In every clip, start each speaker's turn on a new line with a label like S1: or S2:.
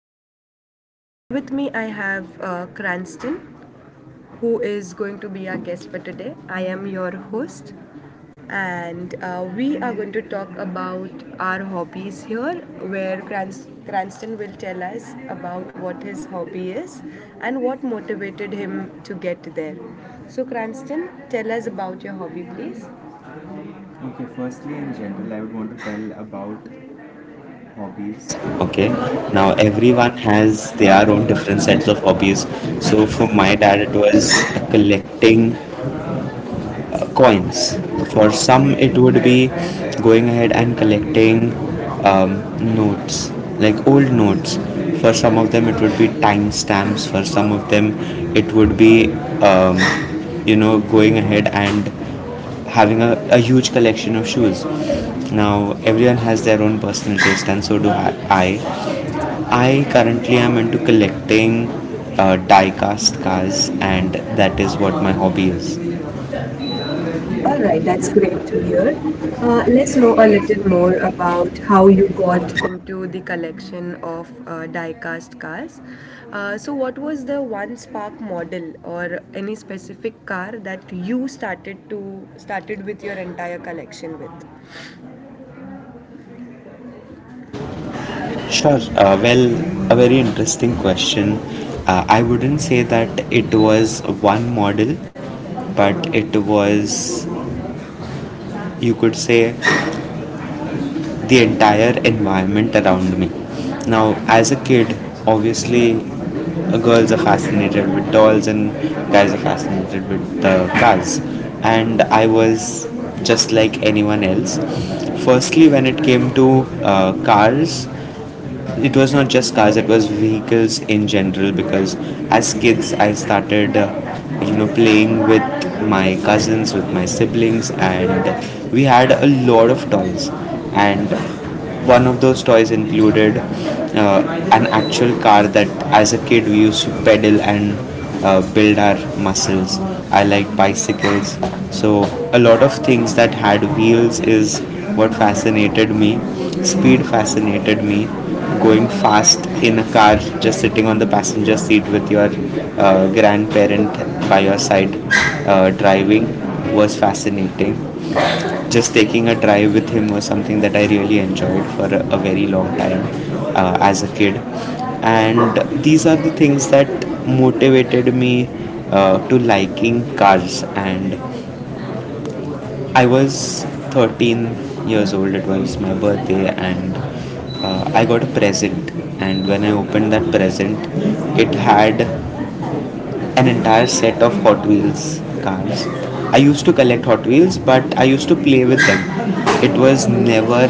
S1: Elizabeth, and with me I have Cranston, who is going to be our guest for today. I am your host, and we are going to talk about our hobbies here, where Cranston will tell us about what his hobby is and what motivated him to get there. So, Cranston, tell us about your hobby, please. Okay, firstly, in general, I would want to tell about hobbies.
S2: Okay,
S1: Okay.
S2: now
S1: Now
S2: everyone
S1: everyone has
S2: has
S1: their
S2: their own
S1: own
S2: different
S1: different
S2: sets
S1: sets
S2: of
S1: of
S2: hobbies.
S1: hobbies.
S2: So
S1: So
S2: for
S1: for
S2: my
S1: my
S2: dad,
S1: dad
S2: it
S1: it
S2: was
S1: was collecting
S2: collecting coins.
S1: coins.
S2: For
S1: For
S2: some,
S1: some it-
S2: it would be going ahead and collecting um, notes, like old notes. For some of them, it would be timestamps. For some of them, it would be, um, going ahead and having a huge collection of shoes. Now, everyone has their own personal taste, and so do I currently am into collecting die cast cars, and that is what my hobby is. All
S1: All
S2: right,
S1: right, that's
S2: that's great
S1: great to
S2: to
S1: hear.
S2: hear. Let's
S1: Let's know
S2: know a
S1: a little
S2: little more
S1: more
S2: about
S1: about
S2: how
S1: how you
S2: you got.
S1: got into the collection of die-cast cars. So, what was the one spark model or any specific car that you started with your entire collection with?
S2: Sure. Well, a very interesting question. I wouldn't say that it was one model, but it was, you could say, the entire environment around me. Now, as a kid, obviously, girls are fascinated with dolls and guys are fascinated with cars, and I was just like anyone else. Firstly, when it came to cars, it was not just cars, it was vehicles in general, because as kids I started playing with my cousins, with my siblings, and we had a lot of toys, and one of those toys included an actual car that as a kid we used to pedal and build our muscles. I like bicycles. So a lot of things that had wheels is what fascinated me. Speed fascinated me. Going fast in a car, just sitting on the passenger seat with your grandparent by your side, driving, was fascinating. Just taking a drive with him was something that I really enjoyed for a very long time as a kid. And these are the things that motivated me to liking cars, and I was 13 years old. It was my birthday, and I got a present. And when I opened that present, it had an entire set of Hot Wheels cars. I used to collect Hot Wheels, but I used to play with them. It was never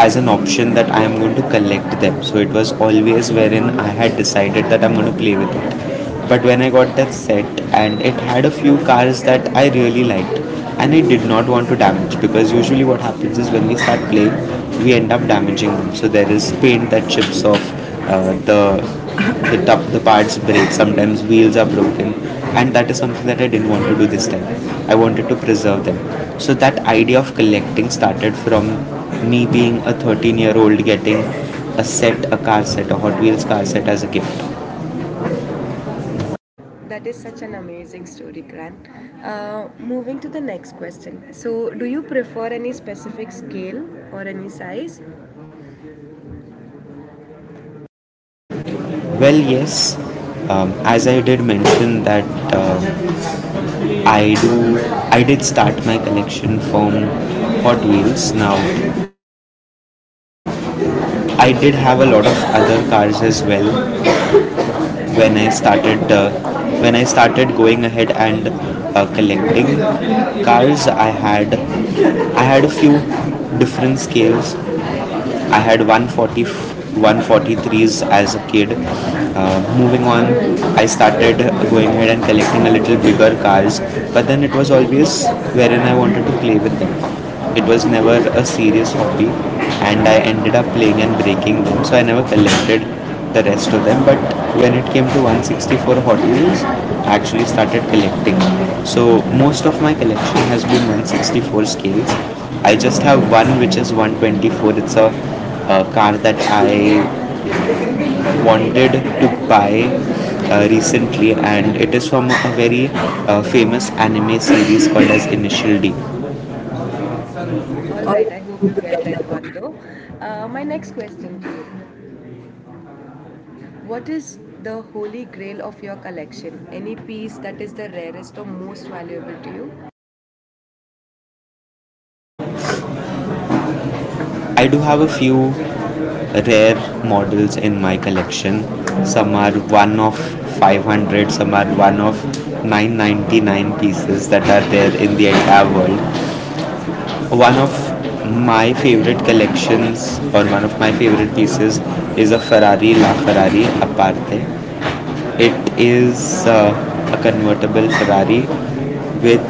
S2: as an option that I am going to collect them. So it was always wherein I had decided that I'm going to play with it. But when I got that set and it had a few cars that I really liked and I did not want to damage, because usually what happens is when we start playing, we end up damaging them. So there is paint that chips off the top, the parts break, sometimes wheels are broken, and that is something that I didn't want to do this time. I wanted to preserve them. So that idea of collecting started from me being a 13-year-old getting a Hot Wheels car set as a gift.
S1: That is such an amazing story, Gran. Moving to the next question. So, do you prefer any specific scale or any size?
S2: Well, yes, as I did mention, that um I do, I did start my collection from Hot Wheels. Now, I did have a lot of other cars as well when I started uh, when I started going ahead and collecting cars. I had a few different scales. I had 140 143s as a kid. Moving on, I started going ahead and collecting a little bigger cars, but then it was always wherein I wanted to play with them. It was never a serious hobby, and I ended up playing and breaking them, so I never collected the rest of them. But when it came to 164 Hot Wheels, I actually started collecting. So most of my collection has been 164 scales. I just have one which is 124. It's a car that I wanted to buy recently, and it is from a very famous anime series called as Initial D.
S1: All right, I hope you get that one though. My next question to you. What is the holy grail of your collection? Any piece that is the rarest or most valuable to you?
S2: I do have a few rare models in my collection. Some are one of 500, some are one of 999 pieces that are there in the entire world. One of my favorite collections, or one of my favorite pieces, is a Ferrari La Ferrari Aparte. It is a convertible Ferrari with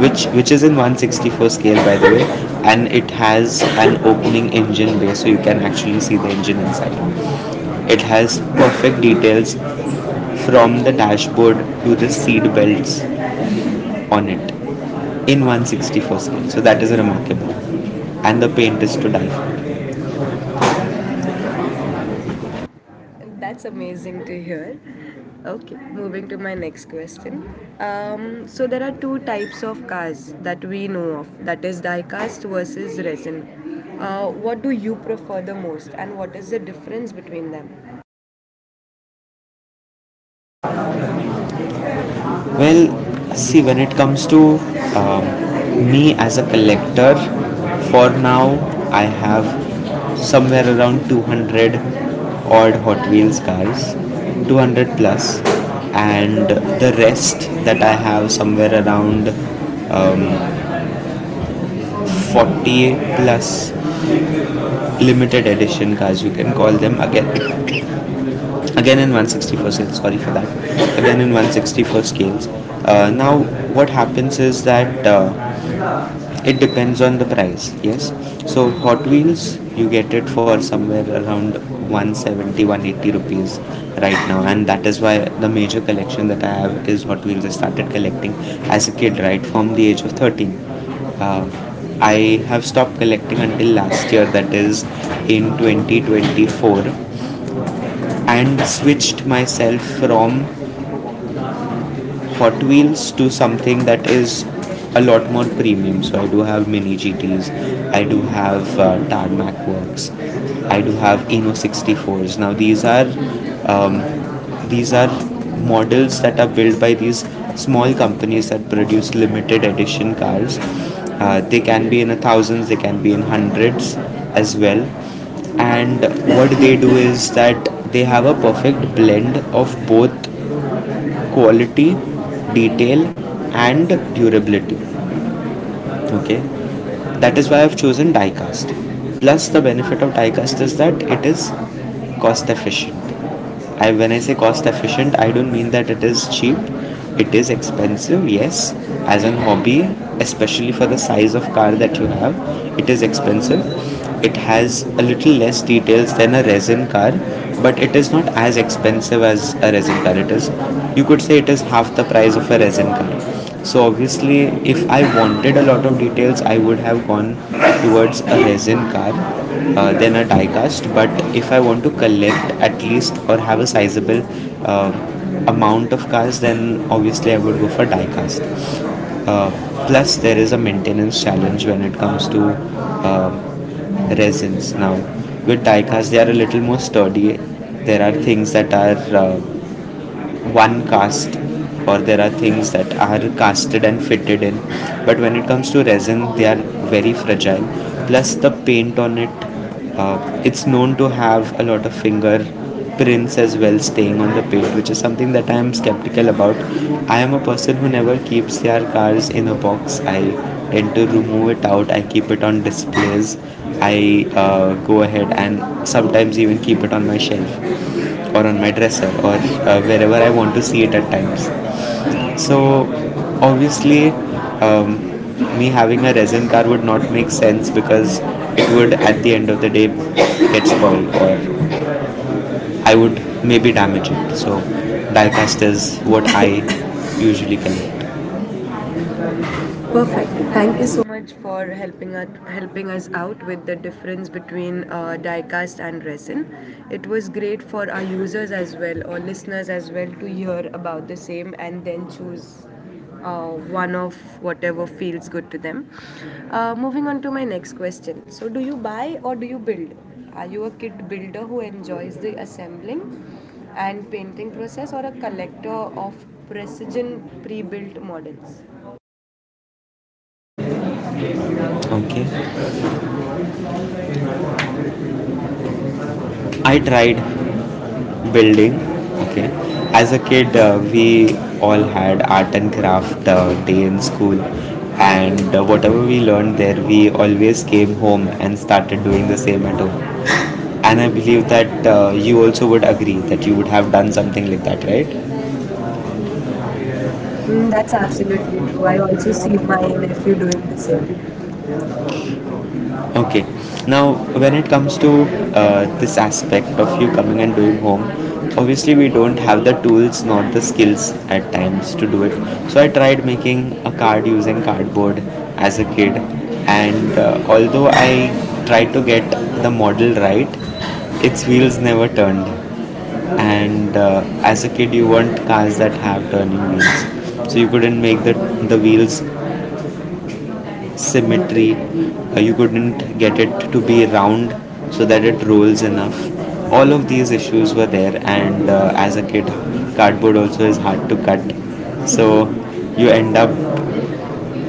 S2: which is in 164 scale, by the way, and it has an opening engine bay, so you can actually see the engine inside. It has perfect details from the dashboard to the seat belts on it in 164 scale, so that is remarkable. And the paint is to die for.
S1: That's amazing to hear. Okay, moving to my next question. So there are two types of cars that we know of. That is diecast versus resin. What do you prefer the most, and what is the difference between them?
S2: Well, see, when it comes to me as a collector, for now I have somewhere around 200 odd Hot Wheels cars, 200 plus, and the rest that I have, somewhere around um, 40 plus limited edition cars, you can call them, again, again in 164 scale. Sorry for that, again in 164 scales. Now, what happens is that it depends on the price, yes. So Hot Wheels, you get it for somewhere around 170 180 rupees right now, and that is why the major collection that I have is Hot Wheels. I started collecting as a kid, right from the age of 13. I have stopped collecting until last year, that is in 2024, and switched myself from Hot Wheels to something that is a lot more premium. So I do have Mini GTs, I do have Tarmac Works, I do have Eno 64s. Now um, these are models that are built by these small companies that produce limited edition cars. They can be in the thousands, they can be in hundreds as well, and what they do is that they have a perfect blend of both quality, detail, and durability. Okay, that is why I've chosen diecast. Plus, the benefit of diecast is that it is cost efficient. I When I say cost efficient, I don't mean that it is cheap. It is expensive, yes, as an hobby, especially for the size of car that you have. It is expensive. It has a little less details than a resin car, but it is not as expensive as a resin car. It is, you could say, it is half the price of a resin car. So obviously, if I wanted a lot of details, I would have gone towards a resin car than a die cast. But if I want to collect at least, or have a sizable uh, amount of cars, then obviously I would go for die cast. uh, Plus, there is a maintenance challenge when it comes to uh, resins. Now, with die cast, they are a little more sturdy. There are things that are uh, one cast, or there are things that are casted and fitted in. But when it comes to resin, they are very fragile. Plus, the paint on it, uh, it's known to have a lot of finger prints as well staying on the paint, which is something that I am skeptical about. I am a person who never keeps their cars in a box. I tend to remove it out, I keep it on displays. I go ahead and sometimes even keep it on my shelf, or on my dresser, or wherever I want to see it at times. So obviously, um, me having a resin car would not make sense because it would, at the end of the day, get spoiled, or I would maybe damage it. So diecast is what I usually collect. Perfect.
S1: Perfect. Thank
S2: Thank
S1: you
S2: you so
S1: so much for helping us out with the difference between diecast and resin. It was great for our users as well or listeners as well to hear about the same and then choose uh, one of whatever feels good to them. Moving on to my next question. So, do you buy or do you build? Are you a kit builder who enjoys the assembling and painting process or a collector of precision pre-built models?
S2: much. Okay. I tried building, okay, as a kid we all had art and craft day in school, and whatever we learned there we always came home and started doing the same at home. And I believe that you also would agree that you would have done something like that, right? Mm,
S1: Mm,
S2: that's
S1: that's absolutely
S2: absolutely
S1: true.
S2: true.
S1: I
S2: I also
S1: also see
S2: see
S1: my
S2: my nephew
S1: nephew doing
S2: doing
S1: the
S2: the
S1: same.
S2: same. Okay. Now, when it comes to this aspect of you coming and doing home, obviously we don't have the tools nor the skills at times to do it. So I tried making a card using cardboard as a kid, and although I tried to get the model right, its wheels never turned. And as a kid, you want cars that have turning wheels, so you couldn't make the wheels symmetry. You couldn't get it to be round so that it rolls enough. All of these issues were there, and as a kid, cardboard also is hard to cut. So you end up,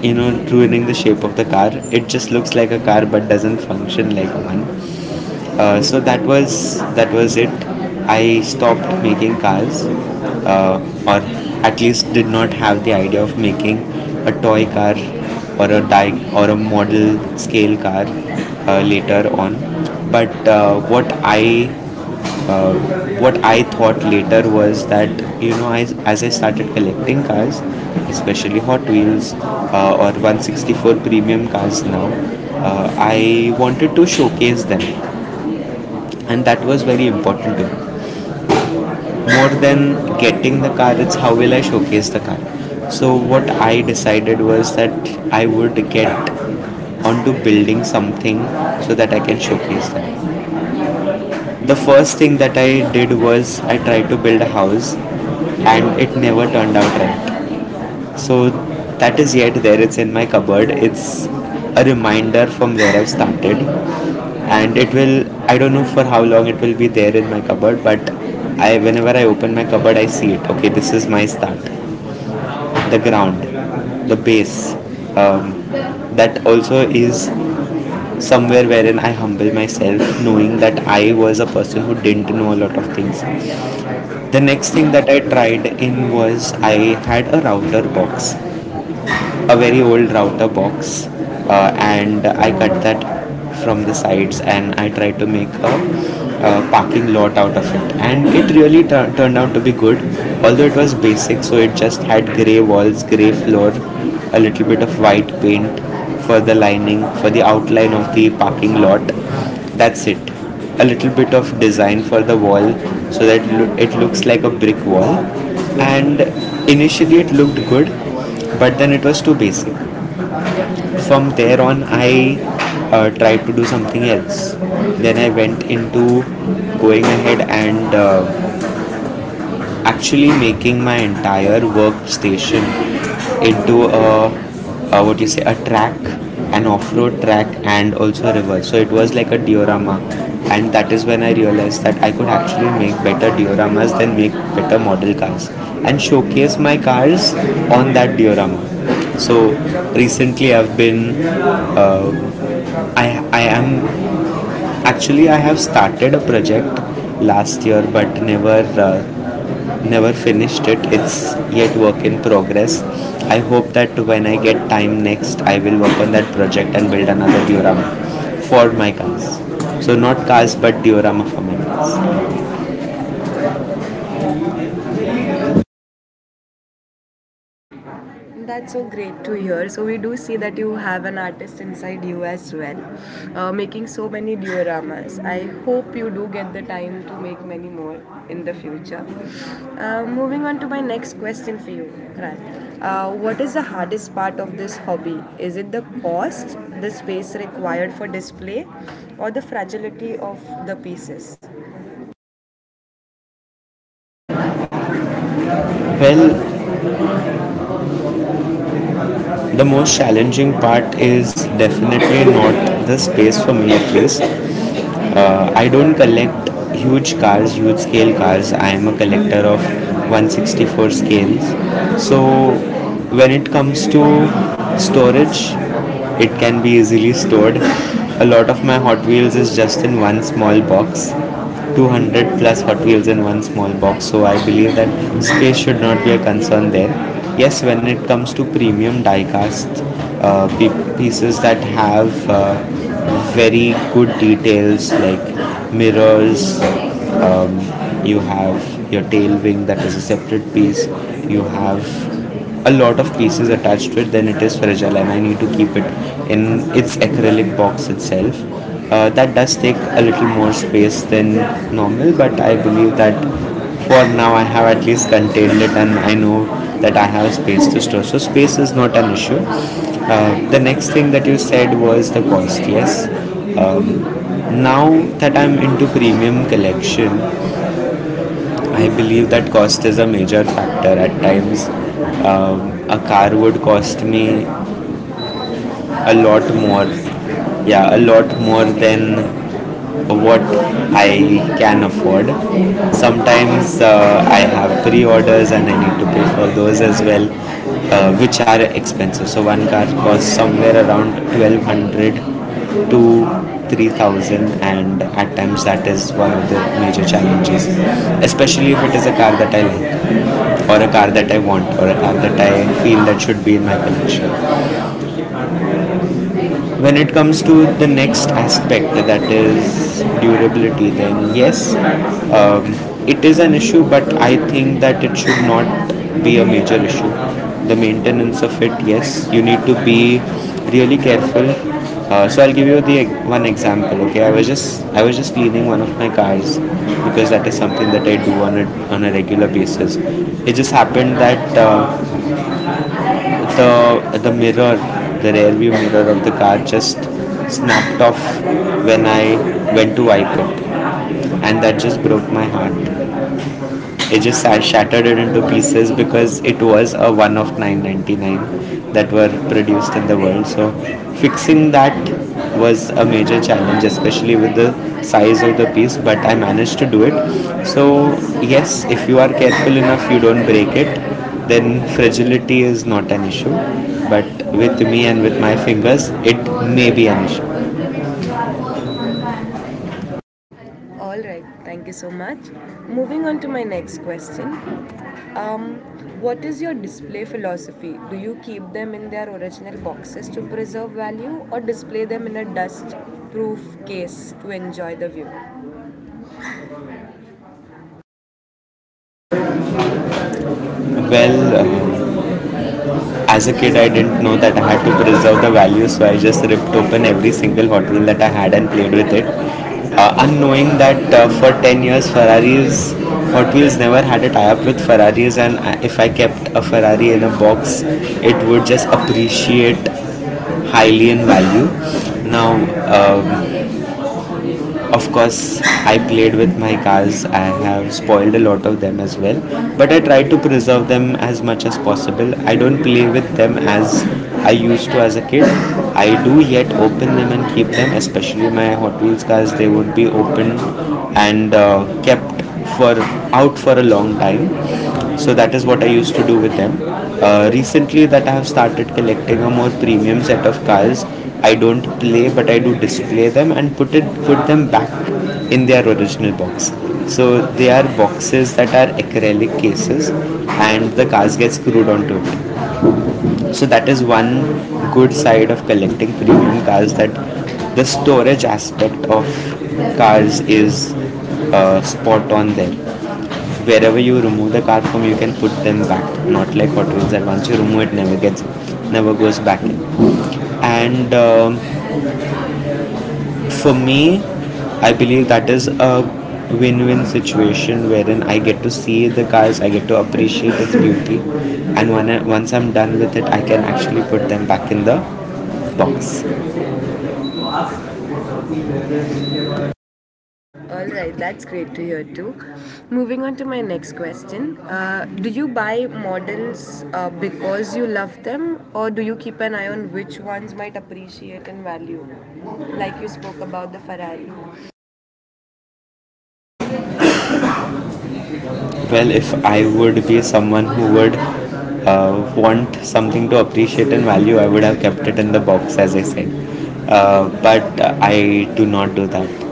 S2: ruining the shape of the car. It just looks like a car but doesn't function like one. So that was it. I stopped making cars, uh, or at least did not have the idea of making a toy car, or a die, or a model scale car later on. But uh, what I thought later was that as I started collecting cars, especially Hot Wheels or 164 premium cars now, I wanted to showcase them, and that was very important to me, more than getting the car. It's how will I showcase the car. So what I decided was that I would get onto building something so that I can showcase them. The first thing that I did was I tried to build a house, and it never turned out right. So that is yet there, it's in my cupboard. It's a reminder from where I've started. And it will, I don't know for how long it will be there in my cupboard, but I, whenever I open my cupboard, I see it. Okay, this is my start. The ground, the base. Um, that also is somewhere wherein I humble myself, knowing that I was a person who didn't know a lot of things. The next thing that I tried in was I had a router box, a very old router box, and I cut that from the sides and I tried to make a, parking lot out of it, and it really turned out to be good, although it was basic, so it just had grey walls, grey floor, a little bit of white paint for the lining, for the outline of the parking lot. That's it. A little bit of design for the wall so that it looks like a brick wall. And initially it looked good, but then it was too basic. From there on, I tried to do something else. Then I went into going ahead and actually making my entire workstation into a what you say a track, an off-road track, and also a river, so it was like a diorama. And that is when I realized that I could actually make better dioramas than make better model cars, and showcase my cars on that diorama. So recently I've been uh, I am actually, I have started a project last year, but never never finished it. It's yet work in progress. I hope that when I get time next, I will work on that project and build another diorama for my cars. So not cars, but diorama for my cars.
S1: That's so great to hear. So we do see that you have an artist inside you as well, making so many dioramas. I hope you do get the time to make many more in the future. Moving on to my next question for you, Kran. What is the hardest part of this hobby? Is it the cost, the space required for display, or the fragility of the pieces?
S2: Well, the most challenging part is definitely not the space, for me at least. I don't collect huge cars, huge scale cars. I am a collector of 164 scales. So when it comes to storage, it can be easily stored. A lot of my Hot Wheels is just in one small box, 200 plus Hot Wheels in one small box, so I believe that space should not be a concern there. Yes, when it comes to premium diecast uh, pieces that have very good details like mirrors, um, you have your tail wing that is a separate piece, you have a lot of pieces attached to it, then it is fragile, and I need to keep it in its acrylic box itself. That does take a little more space than normal, but I believe that for now I have at least contained it, and I know that I have space to store. So space is not an issue. The next thing that you said was the cost. Yes. Um, Now that I'm into premium collection, I believe that cost is a major factor. At times, a car would cost me a lot more, yeah, a lot more than what I can afford. Sometimes I have pre-orders and I need to pay for those as well, which are expensive. So one car costs somewhere around 1200 to 3000, and at times that is one of the major challenges, especially if it is a car that I like, or a car that I want, or a car that I feel that should be in my collection. When it comes to the next aspect, that is durability, then yes, um, it is an issue, but I think that it should not be a major issue. The maintenance of it, yes, you need to be really careful. Uh, so I'll give you the one example. Okay, I was just cleaning one of my cars, because that is something that I do on a regular basis. It just happened that the mirror, the rear view mirror of the car just snapped off when I went to wipe it, and that just broke my heart. It just I shattered it into pieces, because it was a one of 999 that were produced in the world. So fixing that was a major challenge, especially with the size of the piece. But I managed to do it. So yes, if you are careful enough, you don't break it. Then fragility is not an issue. But with me and with my fingers, it may be an issue.
S1: All right, thank you so much. Moving on to my next question. What is your display philosophy? Do you keep them in their original boxes to preserve value or display them in a dust proof case to enjoy the view?
S2: Well. Uh, as a kid, I didn't know that I had to preserve the value, so I just ripped open every single Hot Wheel that I had and played with it. Unknowing that for 10 years, Ferrari's Hot Wheels never had a tie up with Ferraris, and if I kept a Ferrari in a box, it would just appreciate highly in value. Now, um, of course, I played with my cars. I have spoiled a lot of them as well, but I try to preserve them as much as possible. I don't play with them as I used to as a kid. I do yet open them and keep them, especially my Hot Wheels cars. They would be opened and kept for out for a long time. So that is what I used to do with them. Recently, that I have started collecting a more premium set of cars, I don't play, but I do display them and put them back in their original box. So they are boxes that are acrylic cases, and the cars get screwed onto it. So that is one good side of collecting premium cars, that the storage aspect of cars is spot on there. Wherever you remove the car from, you can put them back, not like Hot Wheels that once you remove it, never goes back in. And for me, I believe that is a win-win situation wherein I get to see the cars, I get to appreciate its beauty, and when once I'm done with it, I can actually put them back in the box.
S1: All right, that's great to hear too. Moving on to my next question. Do you buy models because you love them or do you keep an eye on which ones might appreciate and value? Like you spoke about the Ferrari.
S2: Well, if I would be someone who would uh, want something to appreciate and value, I would have kept it in the box, as I said. Uh, but I do not do that.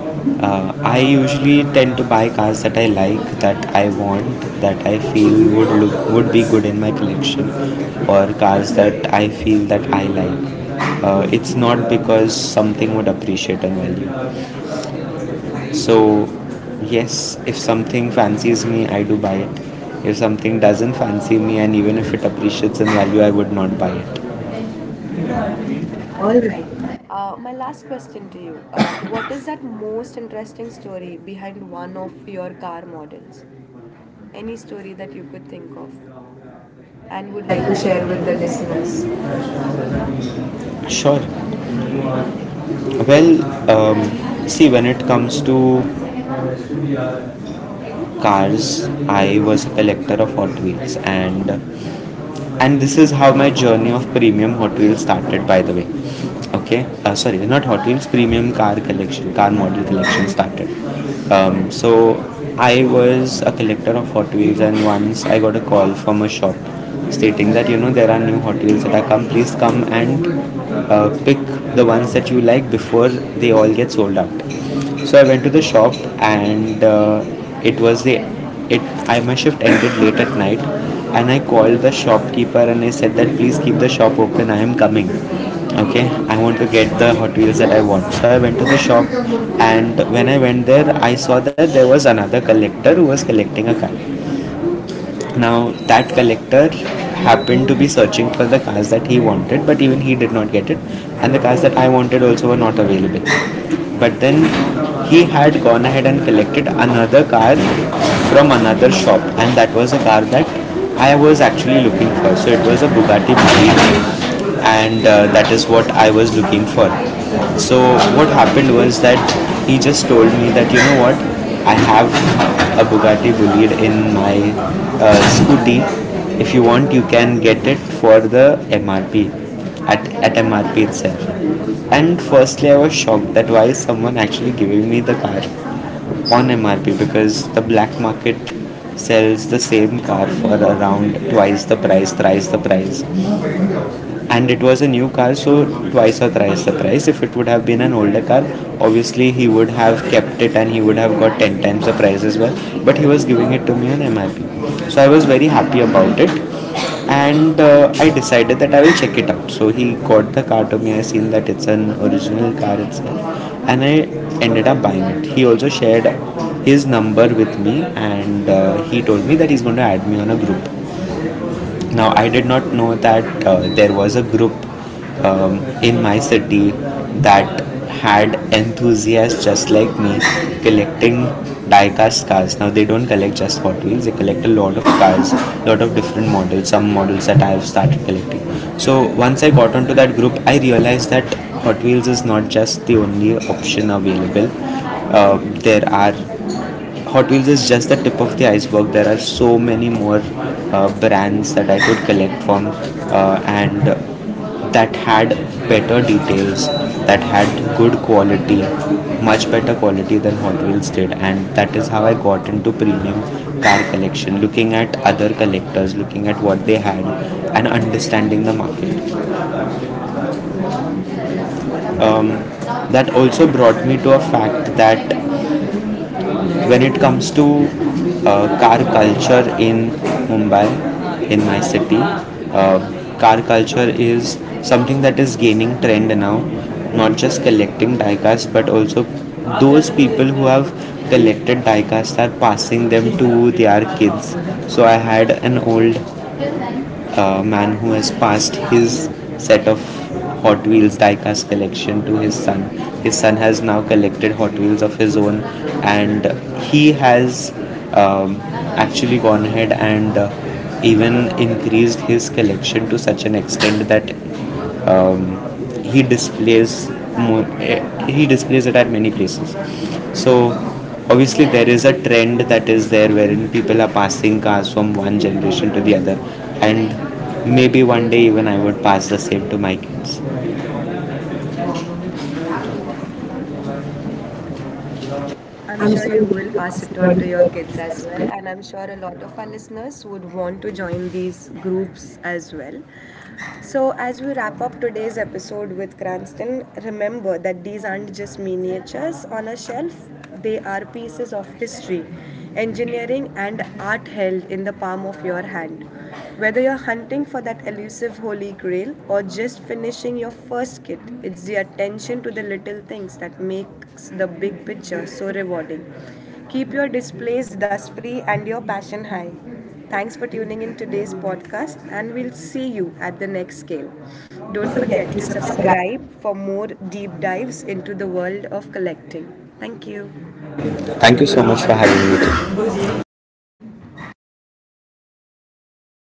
S2: Uh, I usually tend to buy cars that I like, that I want, that I feel would be good in my collection, or cars that I feel that I like. Uh, it's not because something would appreciate and value. So, yes, if something fancies me, I do buy it. If something doesn't fancy me, and even if it appreciates in value, I would not buy it. All
S1: All right.
S2: right.
S1: My last question to you. What is that most interesting story behind one of your car models? Any story that you could think of
S2: And
S1: and
S2: would
S1: would
S2: like
S1: like
S2: to
S1: to
S2: share
S1: share
S2: with
S1: with
S2: the
S1: the
S2: listeners.
S1: listeners?
S2: Sure. Well, see, when it comes to cars, I was a collector of Hot Wheels, and this is how my journey of premium Hot Wheels started, by the way. Okay, sorry, not Hot Wheels, premium car collection, car model collection started. So I was a collector of Hot Wheels, and once I got a call from a shop stating that you know there are new Hot Wheels that are come, please come and pick the ones that you like before they all get sold out. So I went to the shop and it was the it I my shift ended late at night, and I called the shopkeeper and I said that please keep the shop open, I am coming. Okay, I want to get the Hot Wheels that I want. So I went to the shop, and when I went there I saw that there was another collector who was collecting a car. Now, that collector happened to be searching for the cars that he wanted, but even he did not get it, and the cars that I wanted also were not available. But then he had gone ahead and collected another car from another shop, and that was a car that I was actually looking for. So it was a Bugatti Boutique, and that is what I was looking for. So what happened was that he just told me that, you know what, I have a Bugatti Bolide in my scooty. If you want, you can get it for the MRP, at MRP itself. And firstly, I was shocked that why is someone actually giving me the car on MRP, because the black market sells the same car for around twice the price, thrice the price. And it was a new car, so twice or thrice the price. If it would have been an older car, obviously he would have kept it and he would have got 10 times the price as well. But he was giving it to me on MRP, so I was very happy about it. And I decided that I will check it out. So he got the car to me, I seen that it's an original car itself, and I ended up buying it. He also shared his number with me, and he told me that he's going to add me on a group. Now, I did not know that there was a group in my city that had enthusiasts just like me collecting diecast cars. Now, they don't collect just Hot Wheels, they collect a lot of cars, lot of different models, some models that I have started collecting. So, once I got onto that group, I realized that Hot Wheels is not just the only option available. There are Hot Wheels is just the tip of the iceberg. There are so many more brands that I could collect from, and that had better details, that had good quality, much better quality than Hot Wheels did, and that is how I got into premium car collection. Looking at other collectors, looking at what they had, and understanding the market. Um, that also brought me to a fact that when it comes to car culture in Mumbai, in my city, car culture is something that is gaining trend now. Not just collecting diecast, but also those people who have collected diecast are passing them to their kids. So I had an old man who has passed his set of Hot Wheels diecast collection to his son. His son has now collected Hot Wheels of his own, and he has um, actually gone ahead and even increased his collection to such an extent that um, he displays he displays it at many places. So obviously there is a trend that is there wherein people are passing cars from one generation to the other, and maybe one day even I would pass the same to my kids.
S1: I'm
S2: I'm
S1: sure
S2: sure you
S1: you will
S2: will
S1: pass
S2: pass
S1: it
S2: it
S1: on
S2: on
S1: to
S2: to
S1: your
S2: your
S1: kids
S2: kids
S1: as
S2: as
S1: well,
S2: well.
S1: and I'm sure a lot of our listeners would want to join these groups as well. So, as we wrap up today's episode with Cranston, remember that these aren't just miniatures on a shelf, they are pieces of history, engineering, and art held in the palm of your hand. Whether you're hunting for that elusive holy grail or just finishing your first kit, it's the attention to the little things that makes the big picture so rewarding. Keep your displays dust free and your passion high. Thanks for tuning in today's podcast, and we'll see you at the next scale.
S2: Don't
S1: Don't
S2: forget
S1: forget
S2: to
S1: to
S2: subscribe.
S1: subscribe for more deep dives into the world of collecting. Thank you. Thank
S2: Thank you
S1: you.
S2: so much for having me.